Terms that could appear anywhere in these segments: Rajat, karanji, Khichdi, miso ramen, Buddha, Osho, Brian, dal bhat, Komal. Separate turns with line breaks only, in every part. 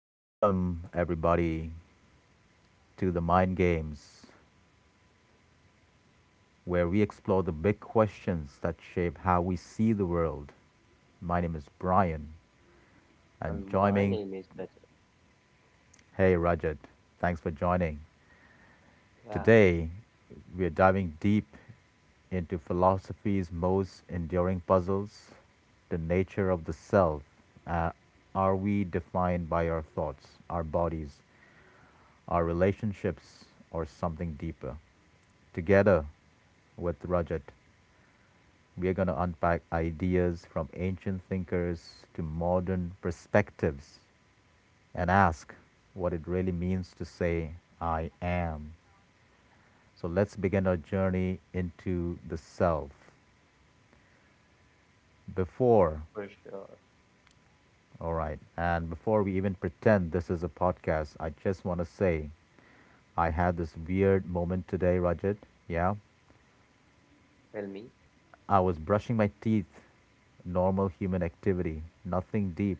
Welcome, everybody, to the Mind Games, where we explore the big questions that shape how we see the world. My name is Brian, and
And
join
my
me,
name is better.
hey Rajat, thanks for joining.
Yeah,
Today, we are diving deep into philosophy's most enduring puzzles, the nature of the self. Uh, are we defined by our thoughts, our bodies, our relationships or something deeper? Together with Rajat, we are going to unpack ideas from ancient thinkers to modern perspectives and ask what it really means to say, I am. So let's begin our journey into the self. Before,
for sure.
all right, and before we even pretend this is a podcast, I just want to say I had this weird moment today, Rajat. Yeah.
Tell me.
I was brushing my teeth, normal human activity, nothing deep,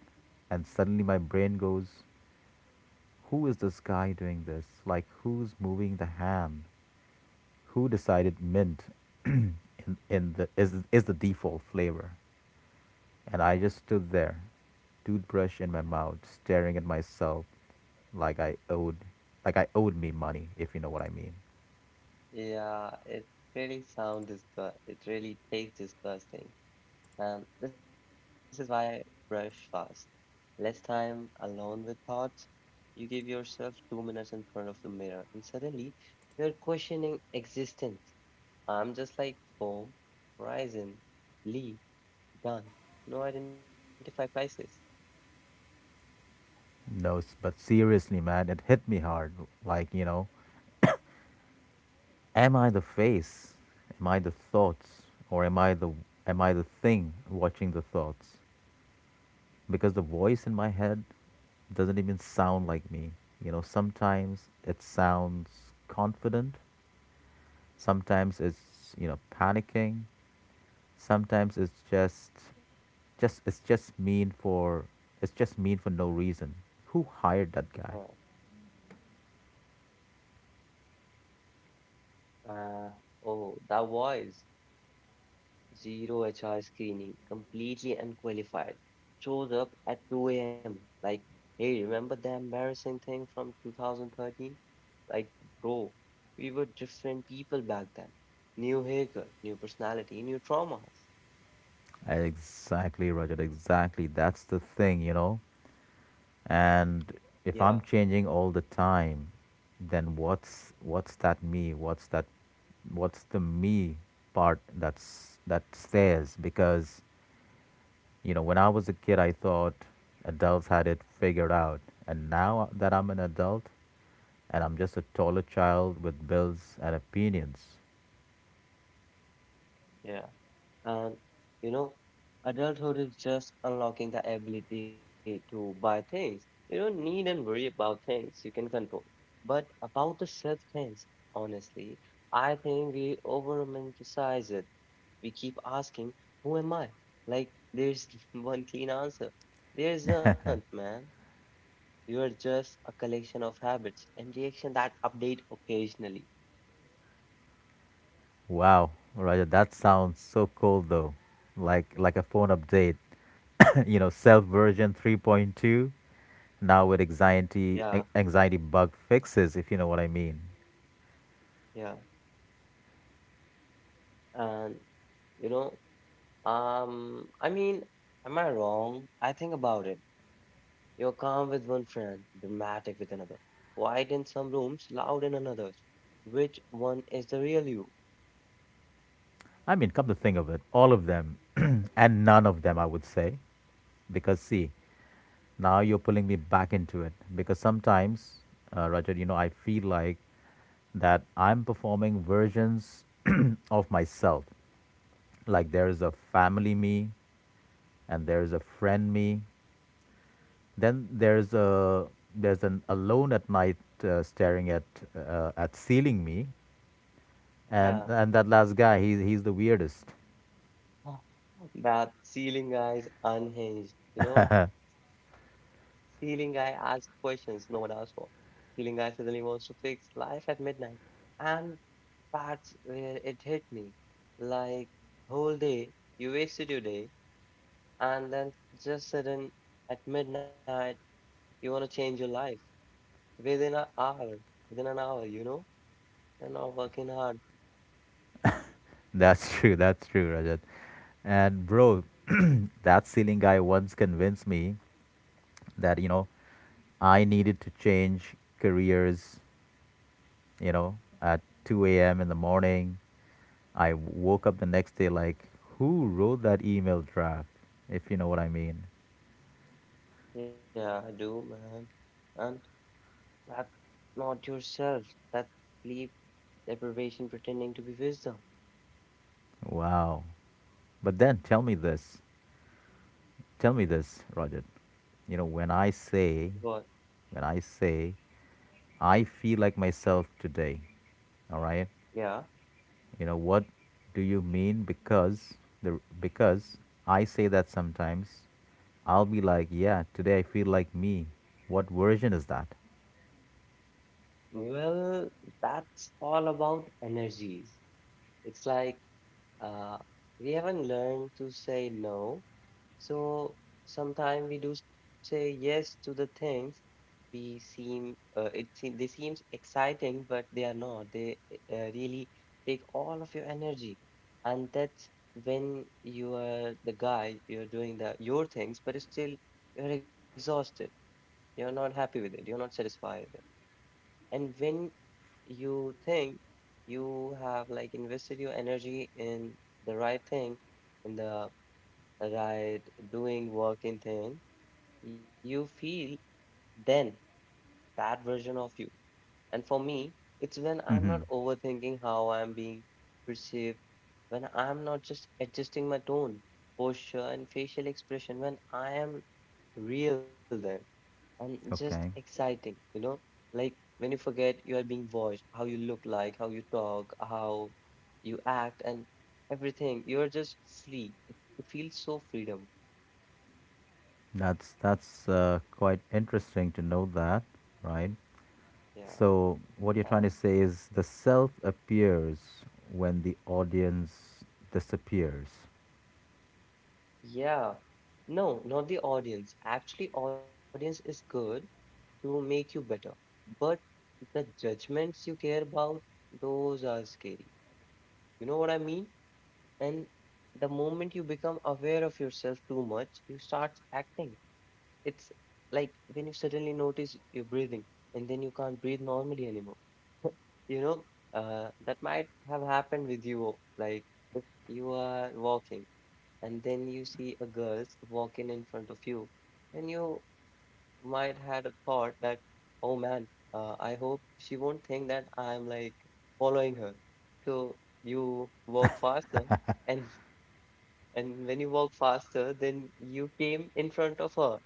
and suddenly my brain goes, who is this guy doing this? Like, who's moving the ham? Who decided mint in, is the default flavor? And I just stood there, toothbrush in my mouth, staring at myself like I owed like I owed me money, if you know what I mean.
Yeah, it really sound disgust. It really tastes disgusting. And this is why I brush fast. Less time alone with thoughts. You give yourself 2 minutes in front of the mirror, and suddenly you're questioning existence. I'm just like foam, horizon, leaf, done. No identify crisis.
No, but seriously, man, it hit me hard. Like, you know, am I the face? Am I the thoughts? Or am I the thing watching the thoughts? Because the voice in my head doesn't even sound like me. You know, sometimes it sounds confident, sometimes it's, you know, panicking, sometimes it's just mean for no reason. Who hired that guy?
Oh, uh, oh, that voice. Zero HR screening, completely unqualified. Shows up at 2 a.m. Like, hey, remember the embarrassing thing from 2013? Like, bro, we were different people back then. New haircut, new personality, new traumas.
Exactly, Rajat. Exactly. That's the thing, you know. And
Yeah,
if I'm changing all the time, then what's that me? What's the me part that stays? Because, you know, when I was a kid I thought adults had it figured out. And now that I'm an adult, and I'm just a taller child with bills and opinions.
yeah. And you know, adulthood is just unlocking the ability to buy things. You don't need and worry about things you can control. But about the self things, honestly, I think we over romanticize it. We keep asking, Who am I? Like, there's one clean answer. There isn't, man. You are just a collection of habits and reaction that update occasionally.
Wow, Raja, that sounds so cool though. Like a phone update. You know, self version 3.2, now with
Yeah,
anxiety bug fixes, if you know what I mean.
yeah. And you know, Um, I mean, am I wrong? I think about it. You're calm with one friend, dramatic with another, quiet in some rooms, loud in others. Which one is the real you?
I mean, come to think of it, all of them and none of them, I would say, because see, now you're pulling me back into it. Because sometimes, Rajat, you know, I feel like that I'm performing versions of myself. Like there is a family me, and there is a friend me. Then there's an alone at night staring at ceiling me, and
Yeah.
and that last guy he's the weirdest.
That ceiling guy is unhinged, you know? Ceiling guy asks questions no one asked for. Ceiling guy suddenly wants to fix life at midnight. And that's where it hit me. Like, whole day, you wasted your day and then just sudden at midnight you want to change your life within an hour within an hour. You know, you're not working hard.
That's true. That's true, Rajat. And bro, that ceiling guy once convinced me that you know I needed to change careers. You know, at 2 a.m. in the morning, I woke up the next day like, who wrote that email draft? If you know what I mean.
Yeah, I do, man. And that's not yourself, that sleep deprivation pretending to be wisdom.
Wow. But then tell me this. Tell me this, Roger. You know, when I
But
say, when I say, I feel like myself today, all right?
yeah,
You know, what do you mean? Because the because I say that sometimes I'll be like, yeah, today I feel like me. What version is that?
well, that's all about energies. It's like, Uh, we haven't learned to say no. So sometimes we do say yes to the things we seem it seem they seems exciting, but they are not. They really take all of your energy, and that's when you are the guy, you're doing the your things, but still you're exhausted. You're not happy with it. You're not satisfied. And when you think you have like invested your energy in the right thing, in the right doing work in thing, you feel then that version of you. And for me, it's when I'm
Mm-hmm.
not overthinking how I'm being perceived, when I'm not just adjusting my tone, posture, and facial expression, when I am real there and just
Okay,
exciting, you know? Like when you forget you are being watched, how you look like, how you talk, how you act, and everything. You're just free. It feels so freedom.
that's quite interesting to know that, right?
Yeah.
So, what you're trying to say is the self appears when the audience disappears.
Yeah. No, not the audience. Actually, audience is good to make you better. But the judgments you care about, those are scary. You know what I mean? And the moment you become aware of yourself too much, you start acting. It's like when you suddenly notice you're breathing and then you can't breathe normally anymore. You know, that might have happened with you, like if you are walking and then you see a girl walking in front of you and you might had a thought that, oh man, I hope she won't think that I'm like following her. So you walk faster and and when you walk faster then you came in front of her,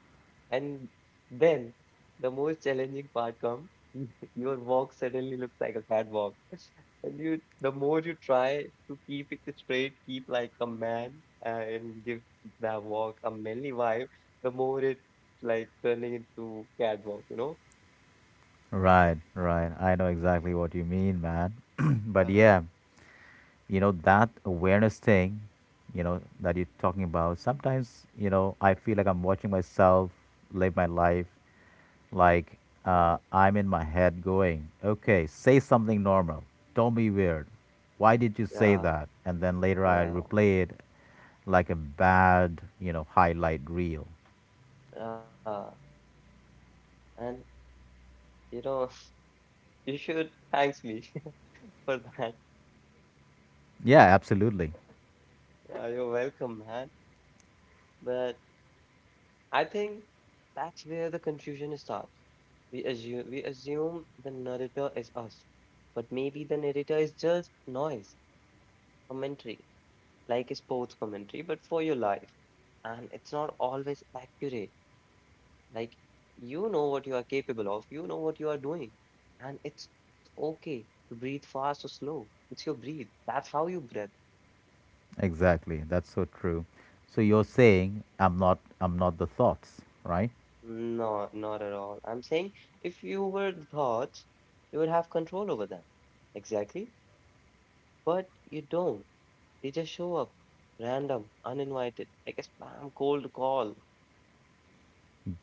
and then the most challenging part comes. Your walk suddenly looks like a catwalk. And you, the more you try to keep it straight, keep like a man and give that walk a manly vibe, the more it like turning into catwalk, you know?
Right, right. I know exactly what you mean, man. But
Yeah,
yeah, you know that awareness thing you know that you're talking about, sometimes you know I feel like I'm watching myself live my life, like
yeah,
I'm in my head going, okay, say something normal, don't be weird, why did you say
yeah,
that? And then later I
yeah,
replay it like a bad, you know, highlight reel.
yeah. And you know, you should thanks me for that.
Yeah, absolutely.
You're welcome, man. But I think that's where the confusion starts. We assume the narrator is us, but maybe the narrator is just noise, commentary, like a sports commentary, but for your life. And it's not always accurate. Like you know what you are capable of, you know what you are doing, and it's okay to breathe fast or slow. It's your breathe. That's how you breathe.
Exactly, that's so true. So you're saying I'm not the thoughts, right?
No, not at all. I'm saying if you were the thoughts, you would have control over them. Exactly. But you don't. Teachers show up, random, uninvited, like a spam cold call.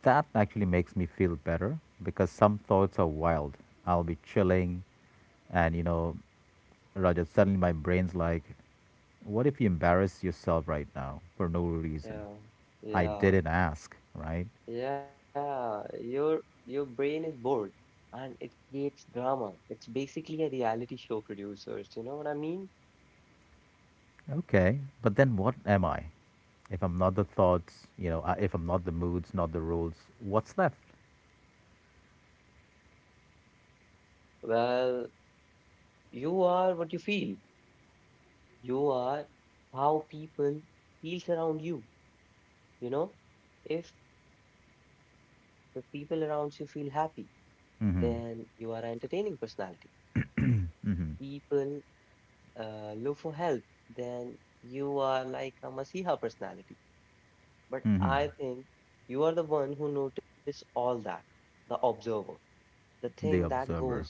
That actually makes me feel better because some thoughts are wild. I'll be chilling, and you know, Rajat, suddenly my brain's like, what if you embarrass yourself right now for no reason?
Yeah,
I
yeah,
didn't ask, right?
yeah. Your brain is bored, and it creates drama. It's basically a reality show producers. You know what I mean?
Okay, but then what am I? If I'm not the thoughts, you know, if I'm not the moods, not the rules, what's left?
Well, you are what you feel. You are how people feels around you. You know, if the people around you feel happy,
Mm-hmm.
then you are an entertaining personality. People look for help, then you are like a Masiha personality. But
Mm-hmm.
I think you are the one who notice all that, the observer, the thing
The
that goes,
observer.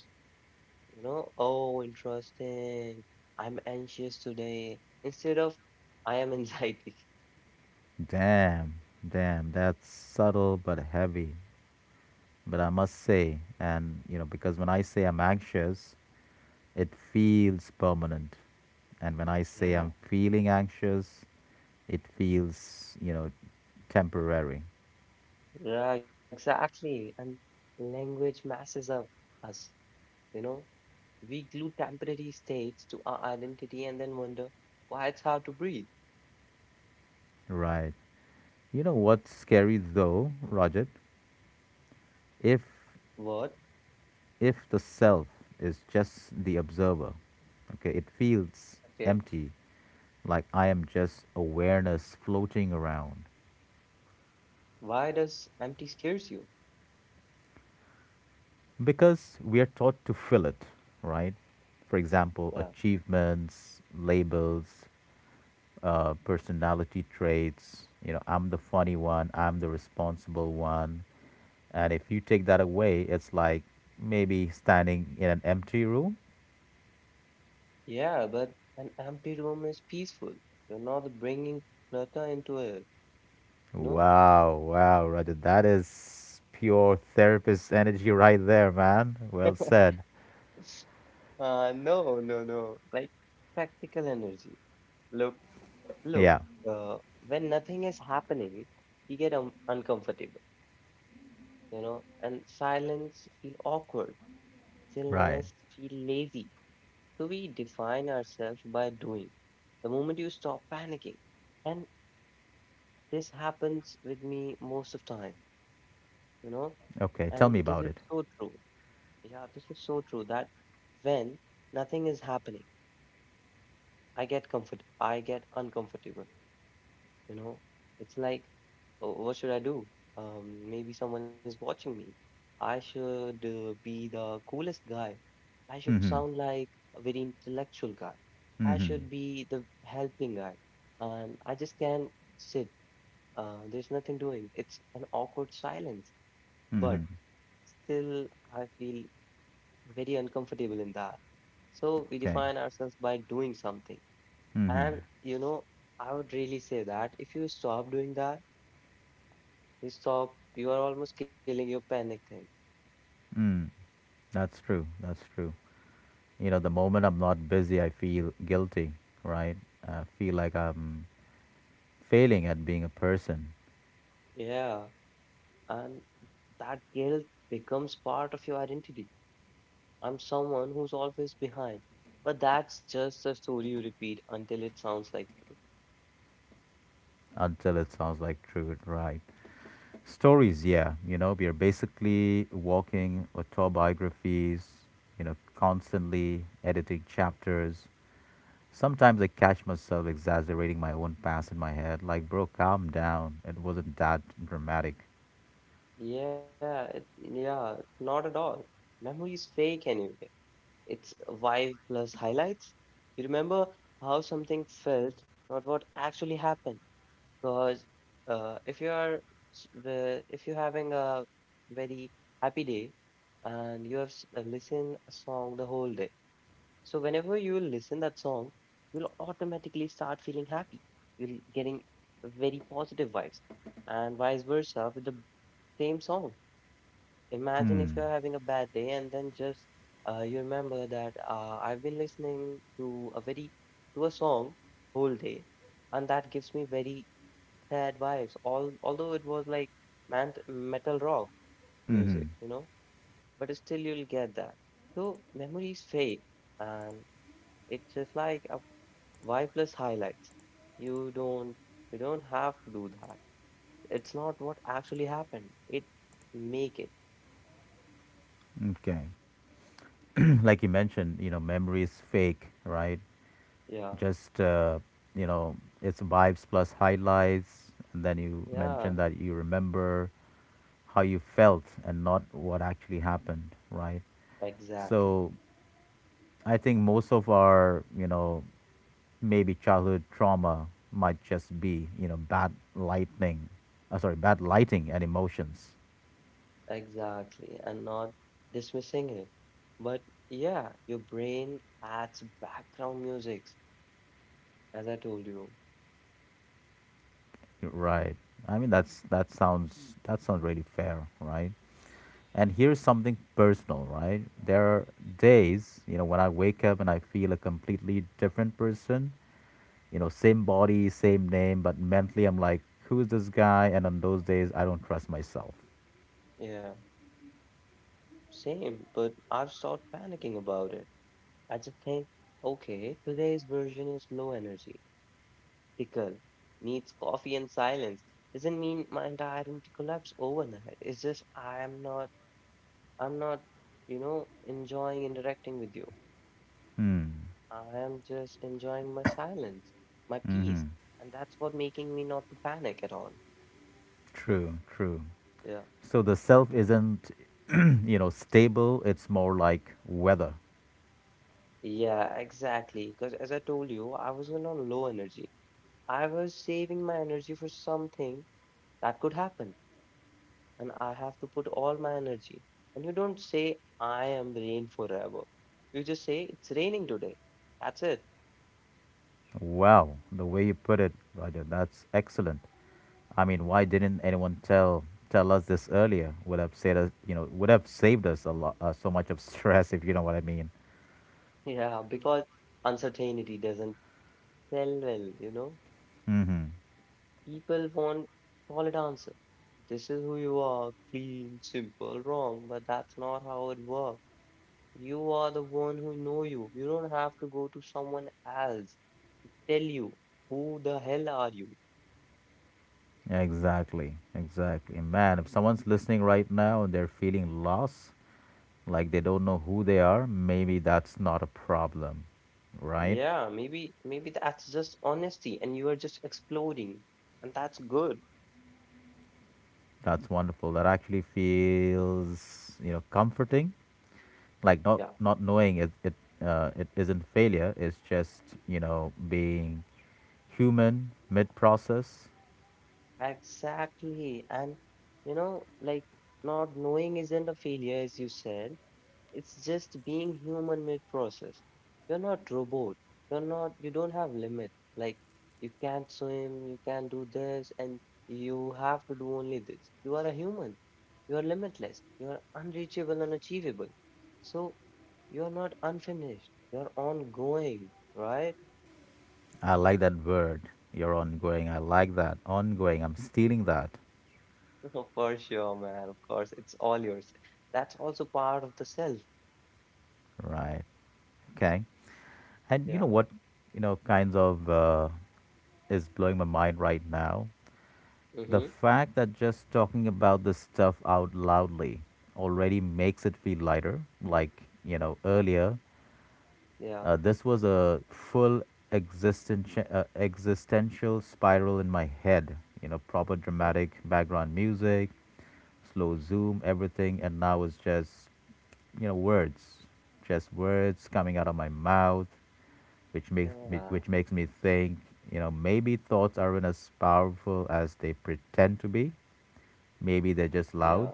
you know, oh, interesting. I'm anxious today instead of I am anxiety.
Damn, damn, that's subtle but heavy. But I must say, and you know, because when I say I'm anxious, it feels permanent. And when I say
Yeah,
I'm feeling anxious, it feels, you know, temporary.
yeah, exactly. And language messes up us, you know. We glue temporary states to our identity and then wonder why it's hard to breathe.
Right. You know what's scary though, Rajat?
What?
If if the self is just the observer, okay, it
Okay.
feels empty, like I am just awareness floating around.
Why does empty scares you?
Because we are taught to fill it, right? For example,
Yeah,
achievements, labels, personality traits. You know, I'm the funny one, I'm the responsible one. And if you take that away, it's like maybe standing in an empty room.
yeah, but an empty room is peaceful. You're not bringing clutter into it, you know?
Wow, wow, Roger, that is pure therapist energy right there, man. Well said.
No, no, no. Like practical energy. Look, look.
Yeah,
When nothing is happening, we get uncomfortable, you know, and silence feel awkward,
right.
stillness feel lazy. So we define ourselves by doing. The moment you stop panicking, and this happens with me most of time, you know? And
Okay,
this
tell
is
me about
so
it.
true. Yeah, this is so true that when nothing is happening, I get uncomfortable, you know? It's like, oh, what should I do? Maybe someone is watching me. I should be the coolest guy. I should
Mm hmm,
sound like a very intellectual guy.
mm
I
hmm,
should be the helping guy. And I just can't sit. There's nothing doing. It's an awkward silence. But
mm hmm.
still, I feel very uncomfortable in that. So we
Okay.
define ourselves by doing something.
Mm hmm.
And you know, I would really say that if you stop doing that, you are almost killing your panic thing.
That's true. That's true. You know, the moment I'm not busy, I feel guilty, right? I feel like I'm failing at being a person
Yeah. And that guilt becomes part of your identity. I'm someone who's always behind. But that's just a story you repeat until it sounds like,
until it sounds like true and right. Stories, yeah, you know, we are basically walking autobiographies, you know, constantly editing chapters. Sometimes I catch myself exaggerating my own past in my head, like, bro, calm down. It wasn't that dramatic.
yeah, not at all. Memory is fake anyway. It's vibe plus highlights. You remember how something felt, not what actually happened. Because if you are if you're having a very happy day and you have listened a song the whole day, so whenever you listen that song, you'll automatically start feeling happy. You'll getting very positive vibes, and vice versa with the same song. Imagine
Hmm.
if you're having a bad day and then just you remember that I've been listening to a very to a song whole day, and that gives me very sad vibes. All although it was like man metal rock music, you
Mm-hmm.
know, but still you'll get that. So memories fade, and it's just like a vibeless highlights. You don't you don't have to do that. It's not what actually happened. It make it.
Okay. Like you mentioned, you know, memory is fake, right?
Yeah.
Just, you know, it's vibes plus highlights. And then you
Yeah.
mentioned that you remember how you felt and not what actually happened, right?
Exactly,
So I think most of our, you know, maybe childhood trauma might just be, you know, bad lightning, sorry, bad lighting and emotions,
exactly, and not dismissing it. But yeah, your brain adds background music, as I told you.
right? I mean, that's that sounds really fair, right? And here's something personal, right? There are days, you know, when I wake up and I feel a completely different person, you know, same body, same name, but mentally I'm like, who is this guy? And on those days, I don't trust myself.
Yeah, same, but I've stopped panicking about it. I just think, okay, today's version is low energy, tickle, needs coffee and silence. Doesn't mean my entire identity collapse overnight. It's just I'm not, you know, enjoying interacting with you. I am just enjoying my silence, my peace, and that's what making me not to panic at all.
True, true.
Yeah.
So the self isn't, you know, stable. It's more like weather.
Yeah, exactly. Because as I told you, I was on a low energy. I was saving my energy for something that could happen, and I have to put all my energy. And you don't say, I am rain forever. You just say, it's raining today. That's it.
Wow, the way you put it, Roger, that's excellent. I mean, why didn't anyone tell us this earlier? Would have saved us, you know, would have saved us a lot, so much of stress, if you know what I mean.
Yeah, because uncertainty doesn't sell well, you know? People want solid answer. This is who you are, clean, simple, wrong, but that's not how it works. You are the one who know you. You don't have to go to someone else tell you who the hell are you.
Exactly, exactly. Man, if someone's listening right now and they're feeling lost, like they don't know who they are, maybe that's not a problem, right?
Yeah, maybe that's just honesty and you are just exploding and that's good.
That's wonderful. That actually feels, you know, comforting. Like
Yeah,
not knowing it it isn't failure. It's just, you know, being human mid process.
exactly. And you know, like not knowing isn't a failure as you said. It's just being human mid process. You're not robot. You don't have limits. Like you can't swim, you can't do this, and you have to do only this. You are a human. You are limitless. You are unreachable and achievable. So you're not unfinished. You're ongoing, right?
I like that word. You're ongoing. I like that. Ongoing. I'm stealing that.
For sure, man. Of course, it's all yours. That's also part of the self.
Right. Okay. And you know
Yeah.
what, you know, kinds of is blowing my mind right now? The
Mm-hmm.
fact that just talking about this stuff out loudly already makes it feel lighter. Like, you know, earlier,
Yeah.
this was a full existential, existential spiral in my head. You know, proper
Oh,
dramatic background music, slow zoom, everything, and now it's just, you know, words, just words coming out of my mouth,
yeah.
which makes me think, you know, maybe thoughts aren't as powerful as they pretend to be. Maybe they're just
Yeah.
loud,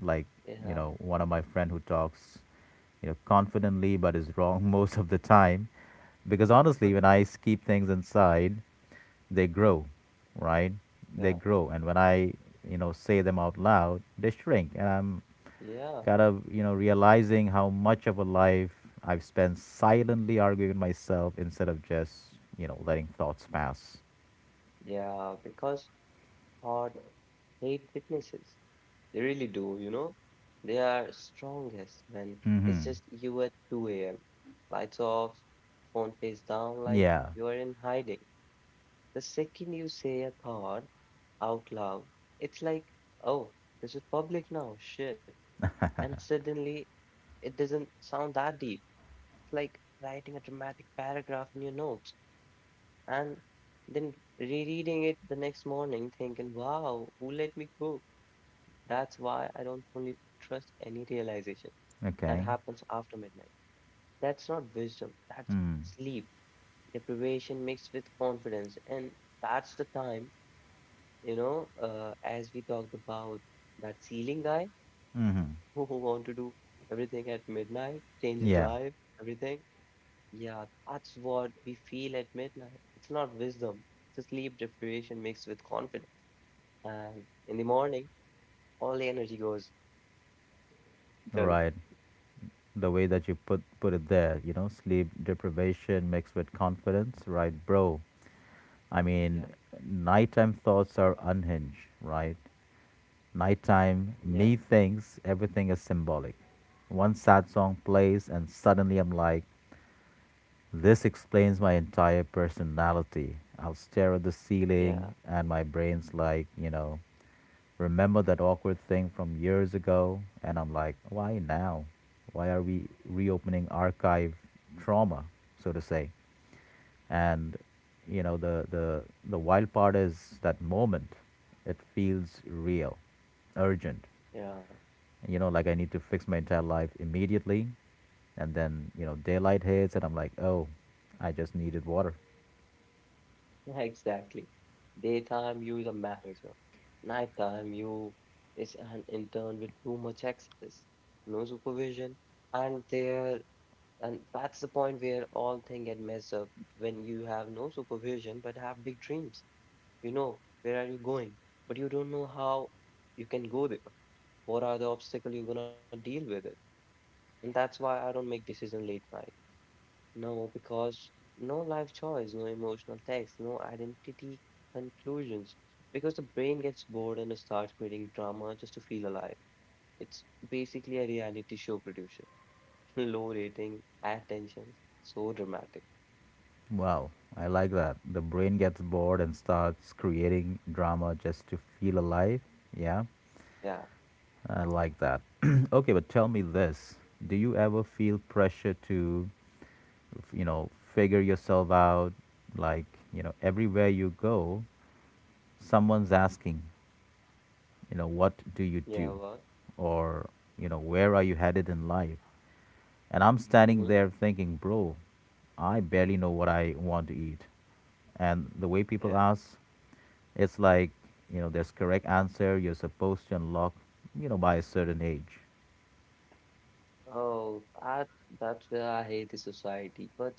like you know, one of my friend who talks, you know, confidently but is wrong most of the time, because honestly, when I keep things inside they grow, right? They
Yeah.
grow, and when I, you know, say them out loud, they shrink, and I'm
Yeah,
kind of, you know, realizing how much of a life I've spent silently arguing with myself instead of just, you know, letting thoughts pass.
yeah, because heart hate witnesses. They really do, you know? They are strongest when it's just you at 2 a.m. Lights off, phone face down like
Yeah.
you are in hiding. The second you say a thought out loud, it's like, oh, this is public now, shit. And suddenly it doesn't sound that deep. It's like writing a dramatic paragraph in your notes and then rereading it the next morning, thinking, wow, who let me go? That's why I don't fully trust any realization that
Okay.
happens after midnight. That's not wisdom, that's
Mm.
sleep, deprivation mixed with confidence. And that's the time, as we talked about that ceiling guy
Mm-hmm.
who want to do everything at midnight, change his
Yeah.
life, everything. Yeah, that's what we feel at midnight. It's not wisdom, it's a sleep deprivation mixed with confidence. And in the morning, all the energy goes dull.
Right. The way that you put it there, you know, sleep deprivation mixed with confidence, right, bro?
Yeah,
I mean, nighttime thoughts are unhinged, right?
yeah,
Nighttime, me thinks everything is symbolic. One sad song plays, and suddenly I'm like, this explains my entire personality. I'll stare at the
yeah,
ceiling, and my brain's like, you know, remember that awkward thing from years ago? And I'm like, why now? Why are we reopening archive trauma, so to say? And, you know, the, the, the wild part is that moment, it feels real, urgent
yeah,
you know like I need to fix my entire life immediately. And then, daylight hits and I'm like, oh, I just needed water.
yeah, exactly. Daytime, you is a manager. Nighttime, you is an intern with too much access, no supervision. And there, and that's the point where all things get messed up when you have no supervision but have big dreams. You know where are you going, but you don't know how you can go there, what are the obstacle you're gonna deal with it. And that's why I don't make decision late night. No, because no life choice, no emotional text, no identity conclusions, because the brain gets bored and starts creating drama just to feel alive. It's basically a reality show producer. Low rating, high tension, so dramatic.
Wow, I like that. The brain gets bored and starts creating drama just to feel alive. Yeah,
Yeah,
I like that. okay, but tell me this. Do you ever feel pressure to, figure yourself out? Like, everywhere you go, someone's asking, what do you
yeah,
do?
what?
Or, where are you headed in life? And I'm standing
Mm-hmm.
there thinking, bro, I barely know what I want to eat. And the way people
Yeah.
ask, it's like, there's correct answer you're supposed to unlock, by a certain age.
Oh, that that's where I hate the society. But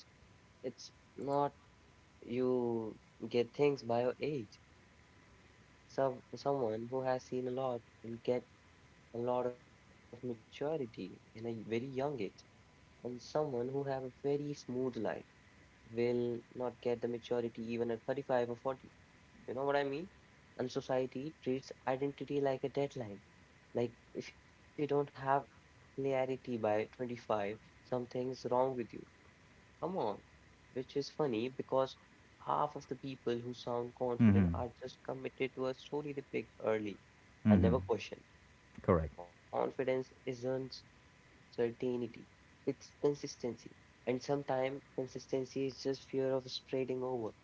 it's not you get things by your age. Someone who has seen a lot will get a lot of maturity in a very young age, and someone who have a very smooth life will not get the maturity even at 35 or 40. You know what I mean? And society treats identity like a deadline. Like if you don't have clarity by 25, something's wrong with you. Come on. Which is funny because half of the people who sound
Mm-hmm.
confident are just committed to a story they picked early
Mm-hmm.
and never questioned.
Correct.
Confidence isn't certainty, it's consistency. And sometimes consistency is just fear of spreading over.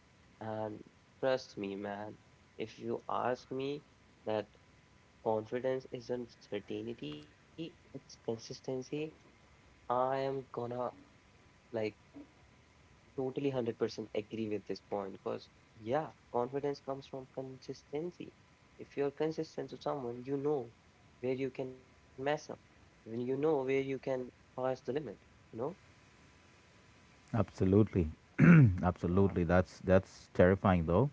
And trust me, man, if you ask me that confidence isn't certainty, it's consistency, I am gonna, like, totally 100% agree with this point because, yeah, confidence comes from consistency. If you're consistent to someone, you know where you can mess up, when you know where you can pass the limit, you know?
Absolutely.
Yeah,
absolutely, that's terrifying though.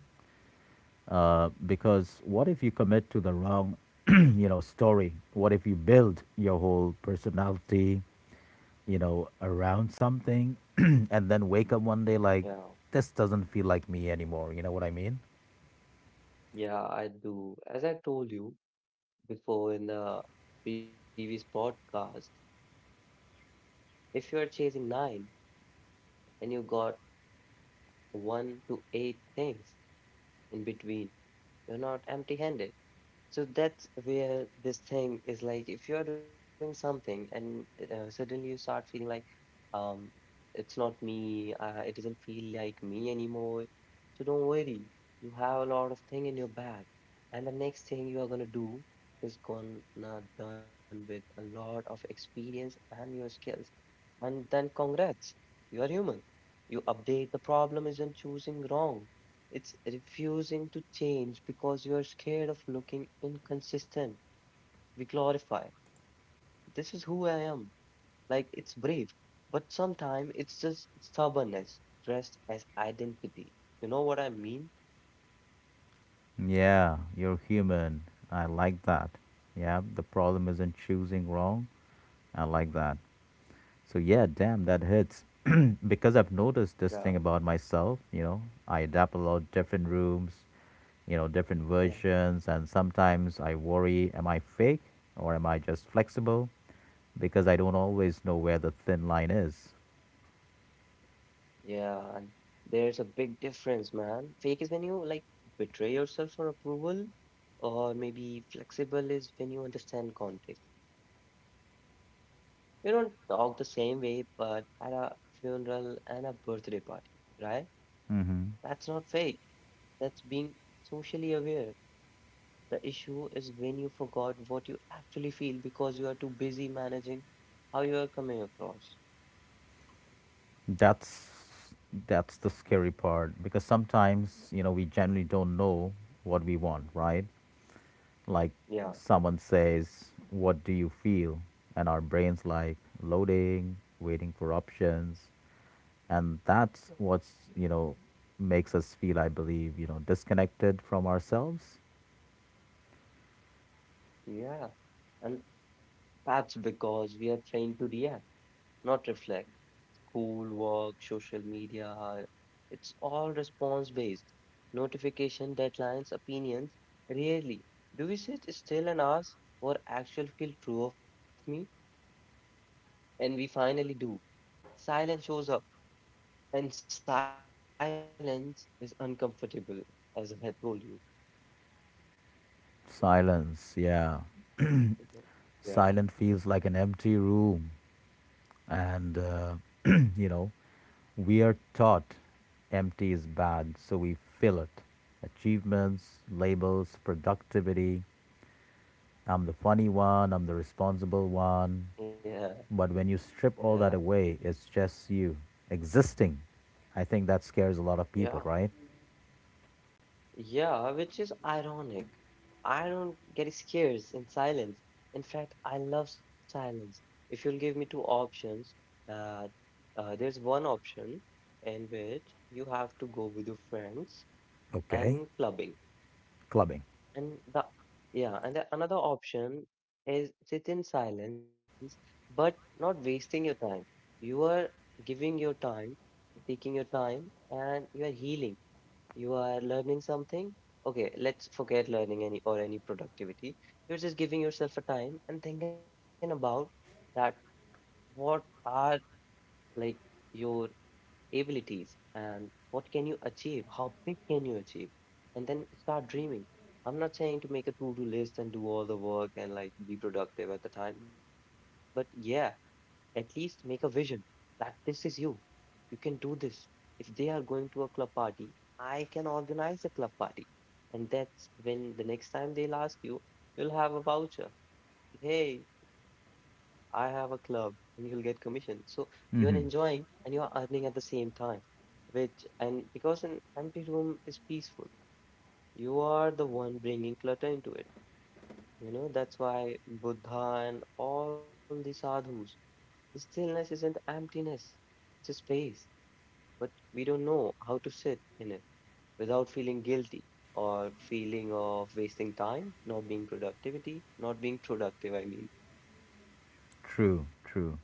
Because what if you commit to the wrong, story? What if you build your whole personality, around something, and then wake up one day
yeah,
like, this doesn't feel like me anymore. You know what I mean?
yeah, I do. As I told you before in the previous podcast, if you're chasing nine and you got one to eight things in between, you're not empty handed. So that's where this thing is like, if you're doing something and suddenly you start feeling like um it's not me, it doesn't feel like me anymore. So don't worry, you have a lot of thing in your bag, and the next thing you are gonna do is gonna done with a lot of experience and your skills. And then congrats, you are human. You update. The problem isn't choosing wrong, it's refusing to change because you are scared of looking inconsistent. We glorify. This is who I am. Like it's brave, but sometimes it's just stubbornness dressed as identity. You know what I mean?
Yeah, you're human. I like that. Yeah, the problem isn't choosing wrong. I like that. So
Yeah,
yeah, damn, that hits. because I've noticed this thing about myself, I adapt a lot different
yeah.
rooms, different versions, and sometimes I worry, am I fake or am I just flexible? Because I don't always know where the thin line is.
Yeah, and there's a big difference, man. Fake is when you like betray yourself for approval, or maybe flexible is when you understand context. You don't talk the same way, but at a funeral and a birthday party, right?
Mm-hmm.
That's not fake. That's being socially aware. The issue is when you forgot what you actually feel because you are too busy managing how you are coming across.
That's that's the scary part because sometimes, we generally don't know what we want, right? Like
Yeah,
someone says, what do you feel? And our brain's like loading, waiting for options. And that's what's, makes us feel, I believe, disconnected from ourselves.
yeah. And that's because we are trained to react not reflect. School, work, social media, it's all response based. Notification, deadlines, opinions. Rarely do we sit still and ask what actually feel true of me, and we finally do. Silence shows up, and silence is uncomfortable, as I had told you.
Silence,
You know?
yeah. Silence feels like an empty room. And, you know, we are taught empty is bad, so we fill it. Achievements, labels, productivity, I'm the funny one, I'm the responsible
Yeah,
one.
yeah,
But when you
yeah,
strip all that away, it's just you existing. I think that scares a
yeah.
lot of people, right?
Yeah, which is ironic. I don't get scared in silence. In fact, I love silence. If you'll give me two options, that there's one option in which you have to go with your friends and
Okay.
clubbing,
Clubbing.
and the yeah, and the another option is sit in silence, but not wasting your time. You are giving your time, taking your time, and you are healing, you are learning something. Okay, let's forget learning any or any productivity. You're just giving yourself a time and thinking about that what are, like, your abilities and what can you achieve? How big can you achieve? And then start dreaming. I'm not saying to make a to-do list and do all the work and like be productive at the time, but yeah, at least make a vision that this is you. You can do this. If they are going to a club party, I can organize a club party. And that's when the next time they'll ask you, you'll have a voucher. Hey, I have a club, and you'll get commission. So you're
Mm-hmm.
enjoying and you're earning at the same time. Which, and because an empty room is peaceful, you are the one bringing clutter into it. You know, that's why Buddha and all the sadhus, stillness isn't emptiness, it's a space, but we don't know how to sit in it without feeling guilty or feeling of wasting time, not being productivity, not being productive, I mean.
True, true.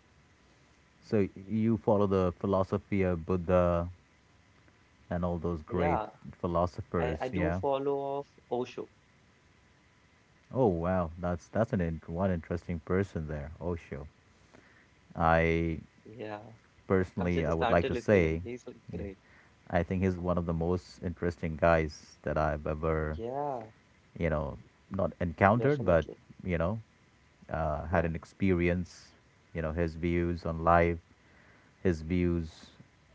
So you follow the philosophy of Buddha and all those great
Yeah, I
philosophers,
do
yeah?
follow off Osho.
Oh wow, that's an one interesting person there, Osho.
Yeah, I've
I
just started listening him.
personally, I
He's
would
like,
like to
great.
say, yeah,
Yeah,
I think he's one of the most interesting guys that I've ever,
yeah,
you know, not encountered, but
definitely.
you know,
Yeah,
had an experience. You know, his views on life, his
yeah,
views.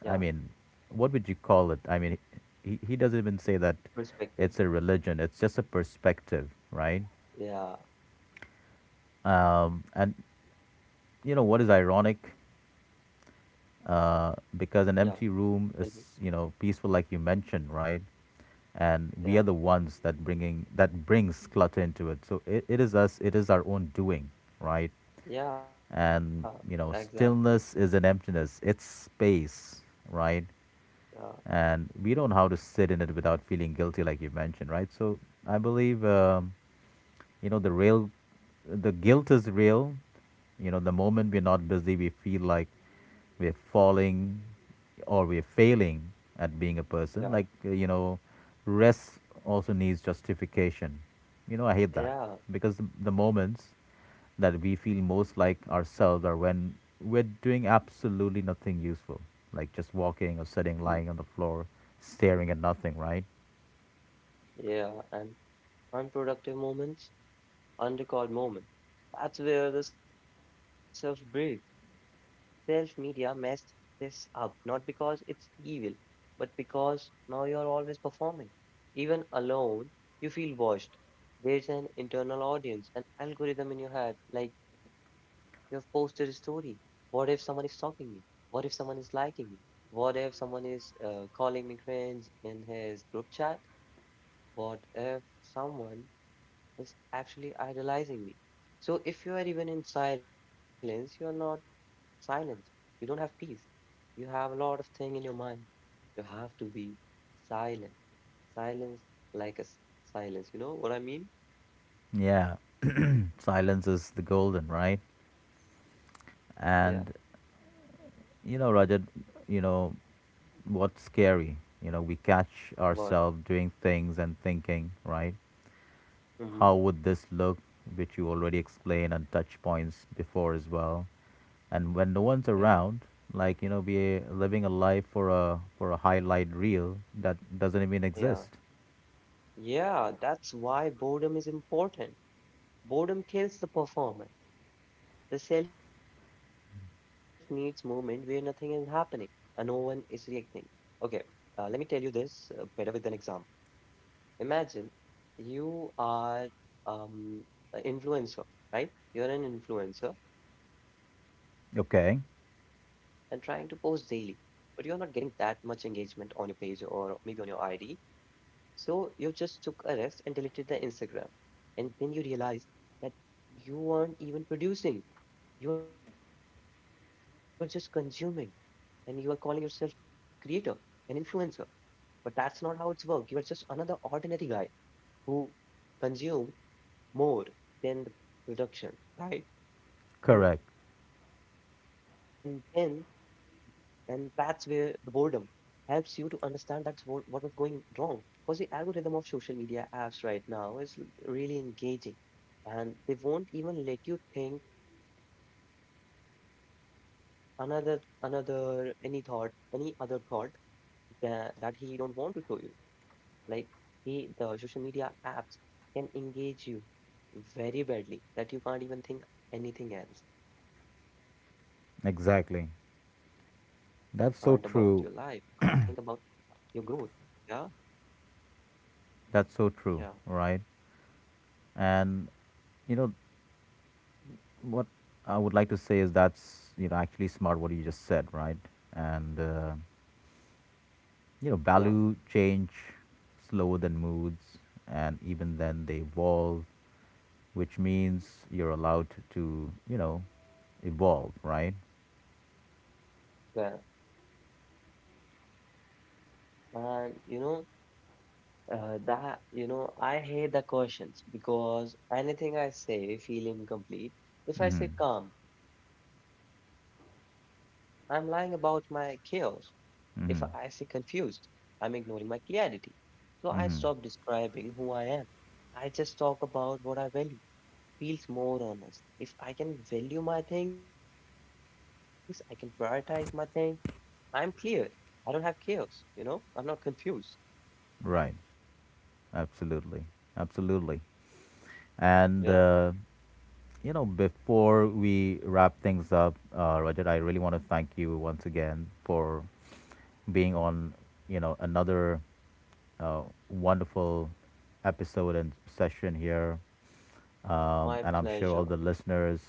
I mean, what would you call it? I mean, he doesn't even say that
perspective.
it's a religion. It's just a perspective, right?
Yeah,
And you know what is ironic?
yeah,
Because an
tell
empty
me.
room is, peaceful, like you mentioned, right? And
Yeah,
we are the ones that bringing that brings clutter into it. So it is us, it is our own doing, right?
yeah,
And,
exactly.
stillness is an emptiness, it's space, right?
Yeah,
And we don't know how to sit in it without feeling guilty, like you mentioned, right? So I believe, the real, the guilt is real. You know, the moment we're not busy, we feel like we're falling or we're failing at being a
yeah,
person. Like, rest also needs justification. You know, I hate that.
yeah.
Because the moments that we feel most like ourselves are when we're doing absolutely nothing useful, like just walking
Hmm.
or sitting, lying on the floor, staring at nothing, right?
Yeah, and unproductive moments, unrecorded moments. That's where the self breathes. Self media messed this up, not because it's evil, but because now you're always performing. Even alone, you feel watched. There's an internal audience, an algorithm in your head, like you have posted a story. What if someone is stalking me? What if someone is liking me? What if someone is calling me cringe in his group chat? What if someone is actually idolizing me. So if you are even in silence, you are not silent. You don't have peace. You have a lot of thing in your mind. You have to be silent. Silence like a silence. You know what I mean?
Yeah, silence is the golden, right?
Yeah.
And you know, Rajat, you know, what's scary? You know, we catch
What?
ourselves doing things and thinking, right?
Mm-hmm.
How would this look? Which you already explained and touch points before as well. And when no
Yeah.
one's around, like, we living a life for a highlight reel that doesn't even
Yeah.
exist.
Yeah. That's why boredom is important. Boredom kills the performance. The self needs movement where nothing is happening and no one is reacting. Okay. Let me tell you this better with an example. Imagine you are um, an influencer, right? You're an influencer and trying to post daily,
Okay.
but you are not getting that much engagement on your page or maybe on your ID. So you just took a rest and deleted the Instagram. And then you realize that you aren't even producing, you are just consuming, and you are calling yourself a creator, an influencer. But that's not how it's work. You are just another ordinary guy who consume more than the production, right? And
Correct.
then, and that's where the boredom helps you to understand what was going wrong. Because the algorithm of social media apps right now is really engaging and they won't even let you think another another any thought any other thought that, that he don't want to show you, like he, the social media apps can engage you very badly that you can't even think anything else. Can't about your life. You can't think
Exactly.
about your growth.
That's so
Yeah,
true.
yeah,
That's so true, right? And you know, what I would like to say is that's, actually smart what you just said, right? And
yeah,
you know, value change slower than moods, and even then they evolve, which means you're allowed to, evolve, right?
yeah. And you know, that you know, I hate the questions because anything I say feel incomplete. If I
Mm-hmm.
say calm, I'm lying about my chaos. If I say
Mm-hmm.
confused, I'm ignoring my clarity. So I stop
Mm-hmm.
describing who I am. I just talk about what I value. Feels more honest. If I can value my things, I can prioritize my things. I'm cleared. I don't have chaos, you know? I'm not confused.
Right. Absolutely. Absolutely.
Yeah,
And you know, before we wrap things up, Roger, I really want to thank you once again for being on, another uh, wonderful episode and session here.
my
And I'm sure all the
pleasure.
listeners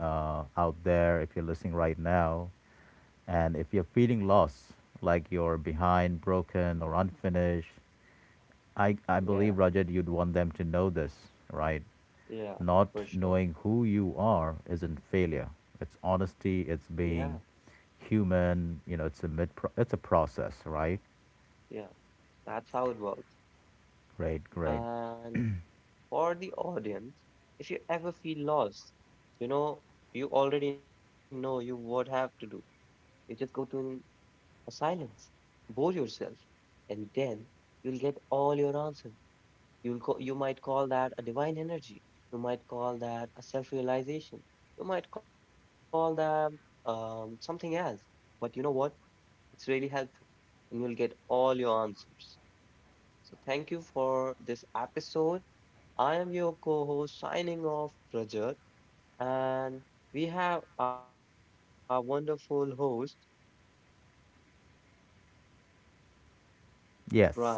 out there, if you're listening right now, and if you're feeling lost, like you're behind, broken, or unfinished, I
Yeah,
believe, Rajat, you'd want them to know this, right?
yeah, for
Not
sure.
knowing who you are isn't failure. It's honesty.
Yeah,
It's being human. You know, it's a mid. It's a process, right?
yeah. That's how it works.
Great, great.
And for the audience, if you ever feel lost, you know, you already know you what have to do. You just go to an or silence. Bore yourself, and then you'll get all your answers. You'll call, you might call that a divine energy. You might call that a self-realization. You might call that something else. But you know what? It's really helpful, and you'll get all your answers. So thank you for this episode. I am your co-host signing off, Rajat, and we have our wonderful host, Brian.
Yes.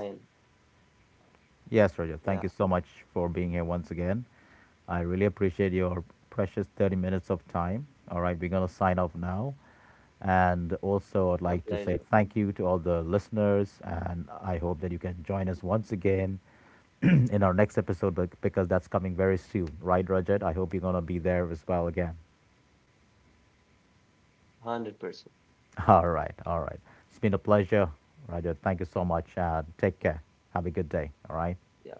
Yes,
Yeah,
Roger, thank you so much for being here once again. I really appreciate your precious 30 minutes of time. All right, we're going to sign off now. And
my
also, I'd
pleasure.
like to say thank you to all the listeners. And I hope that you can join us once again in our next episode because that's coming very soon. Right, Rajat? I hope you're going to be there as well again.
100%.
All right, all right. It's been a pleasure, Rajat. Thank you so much. Take care. Have a good day. All right.
Yeah.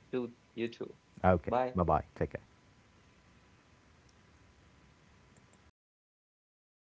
To you too.
Okay.
Bye.
Bye bye. Take care.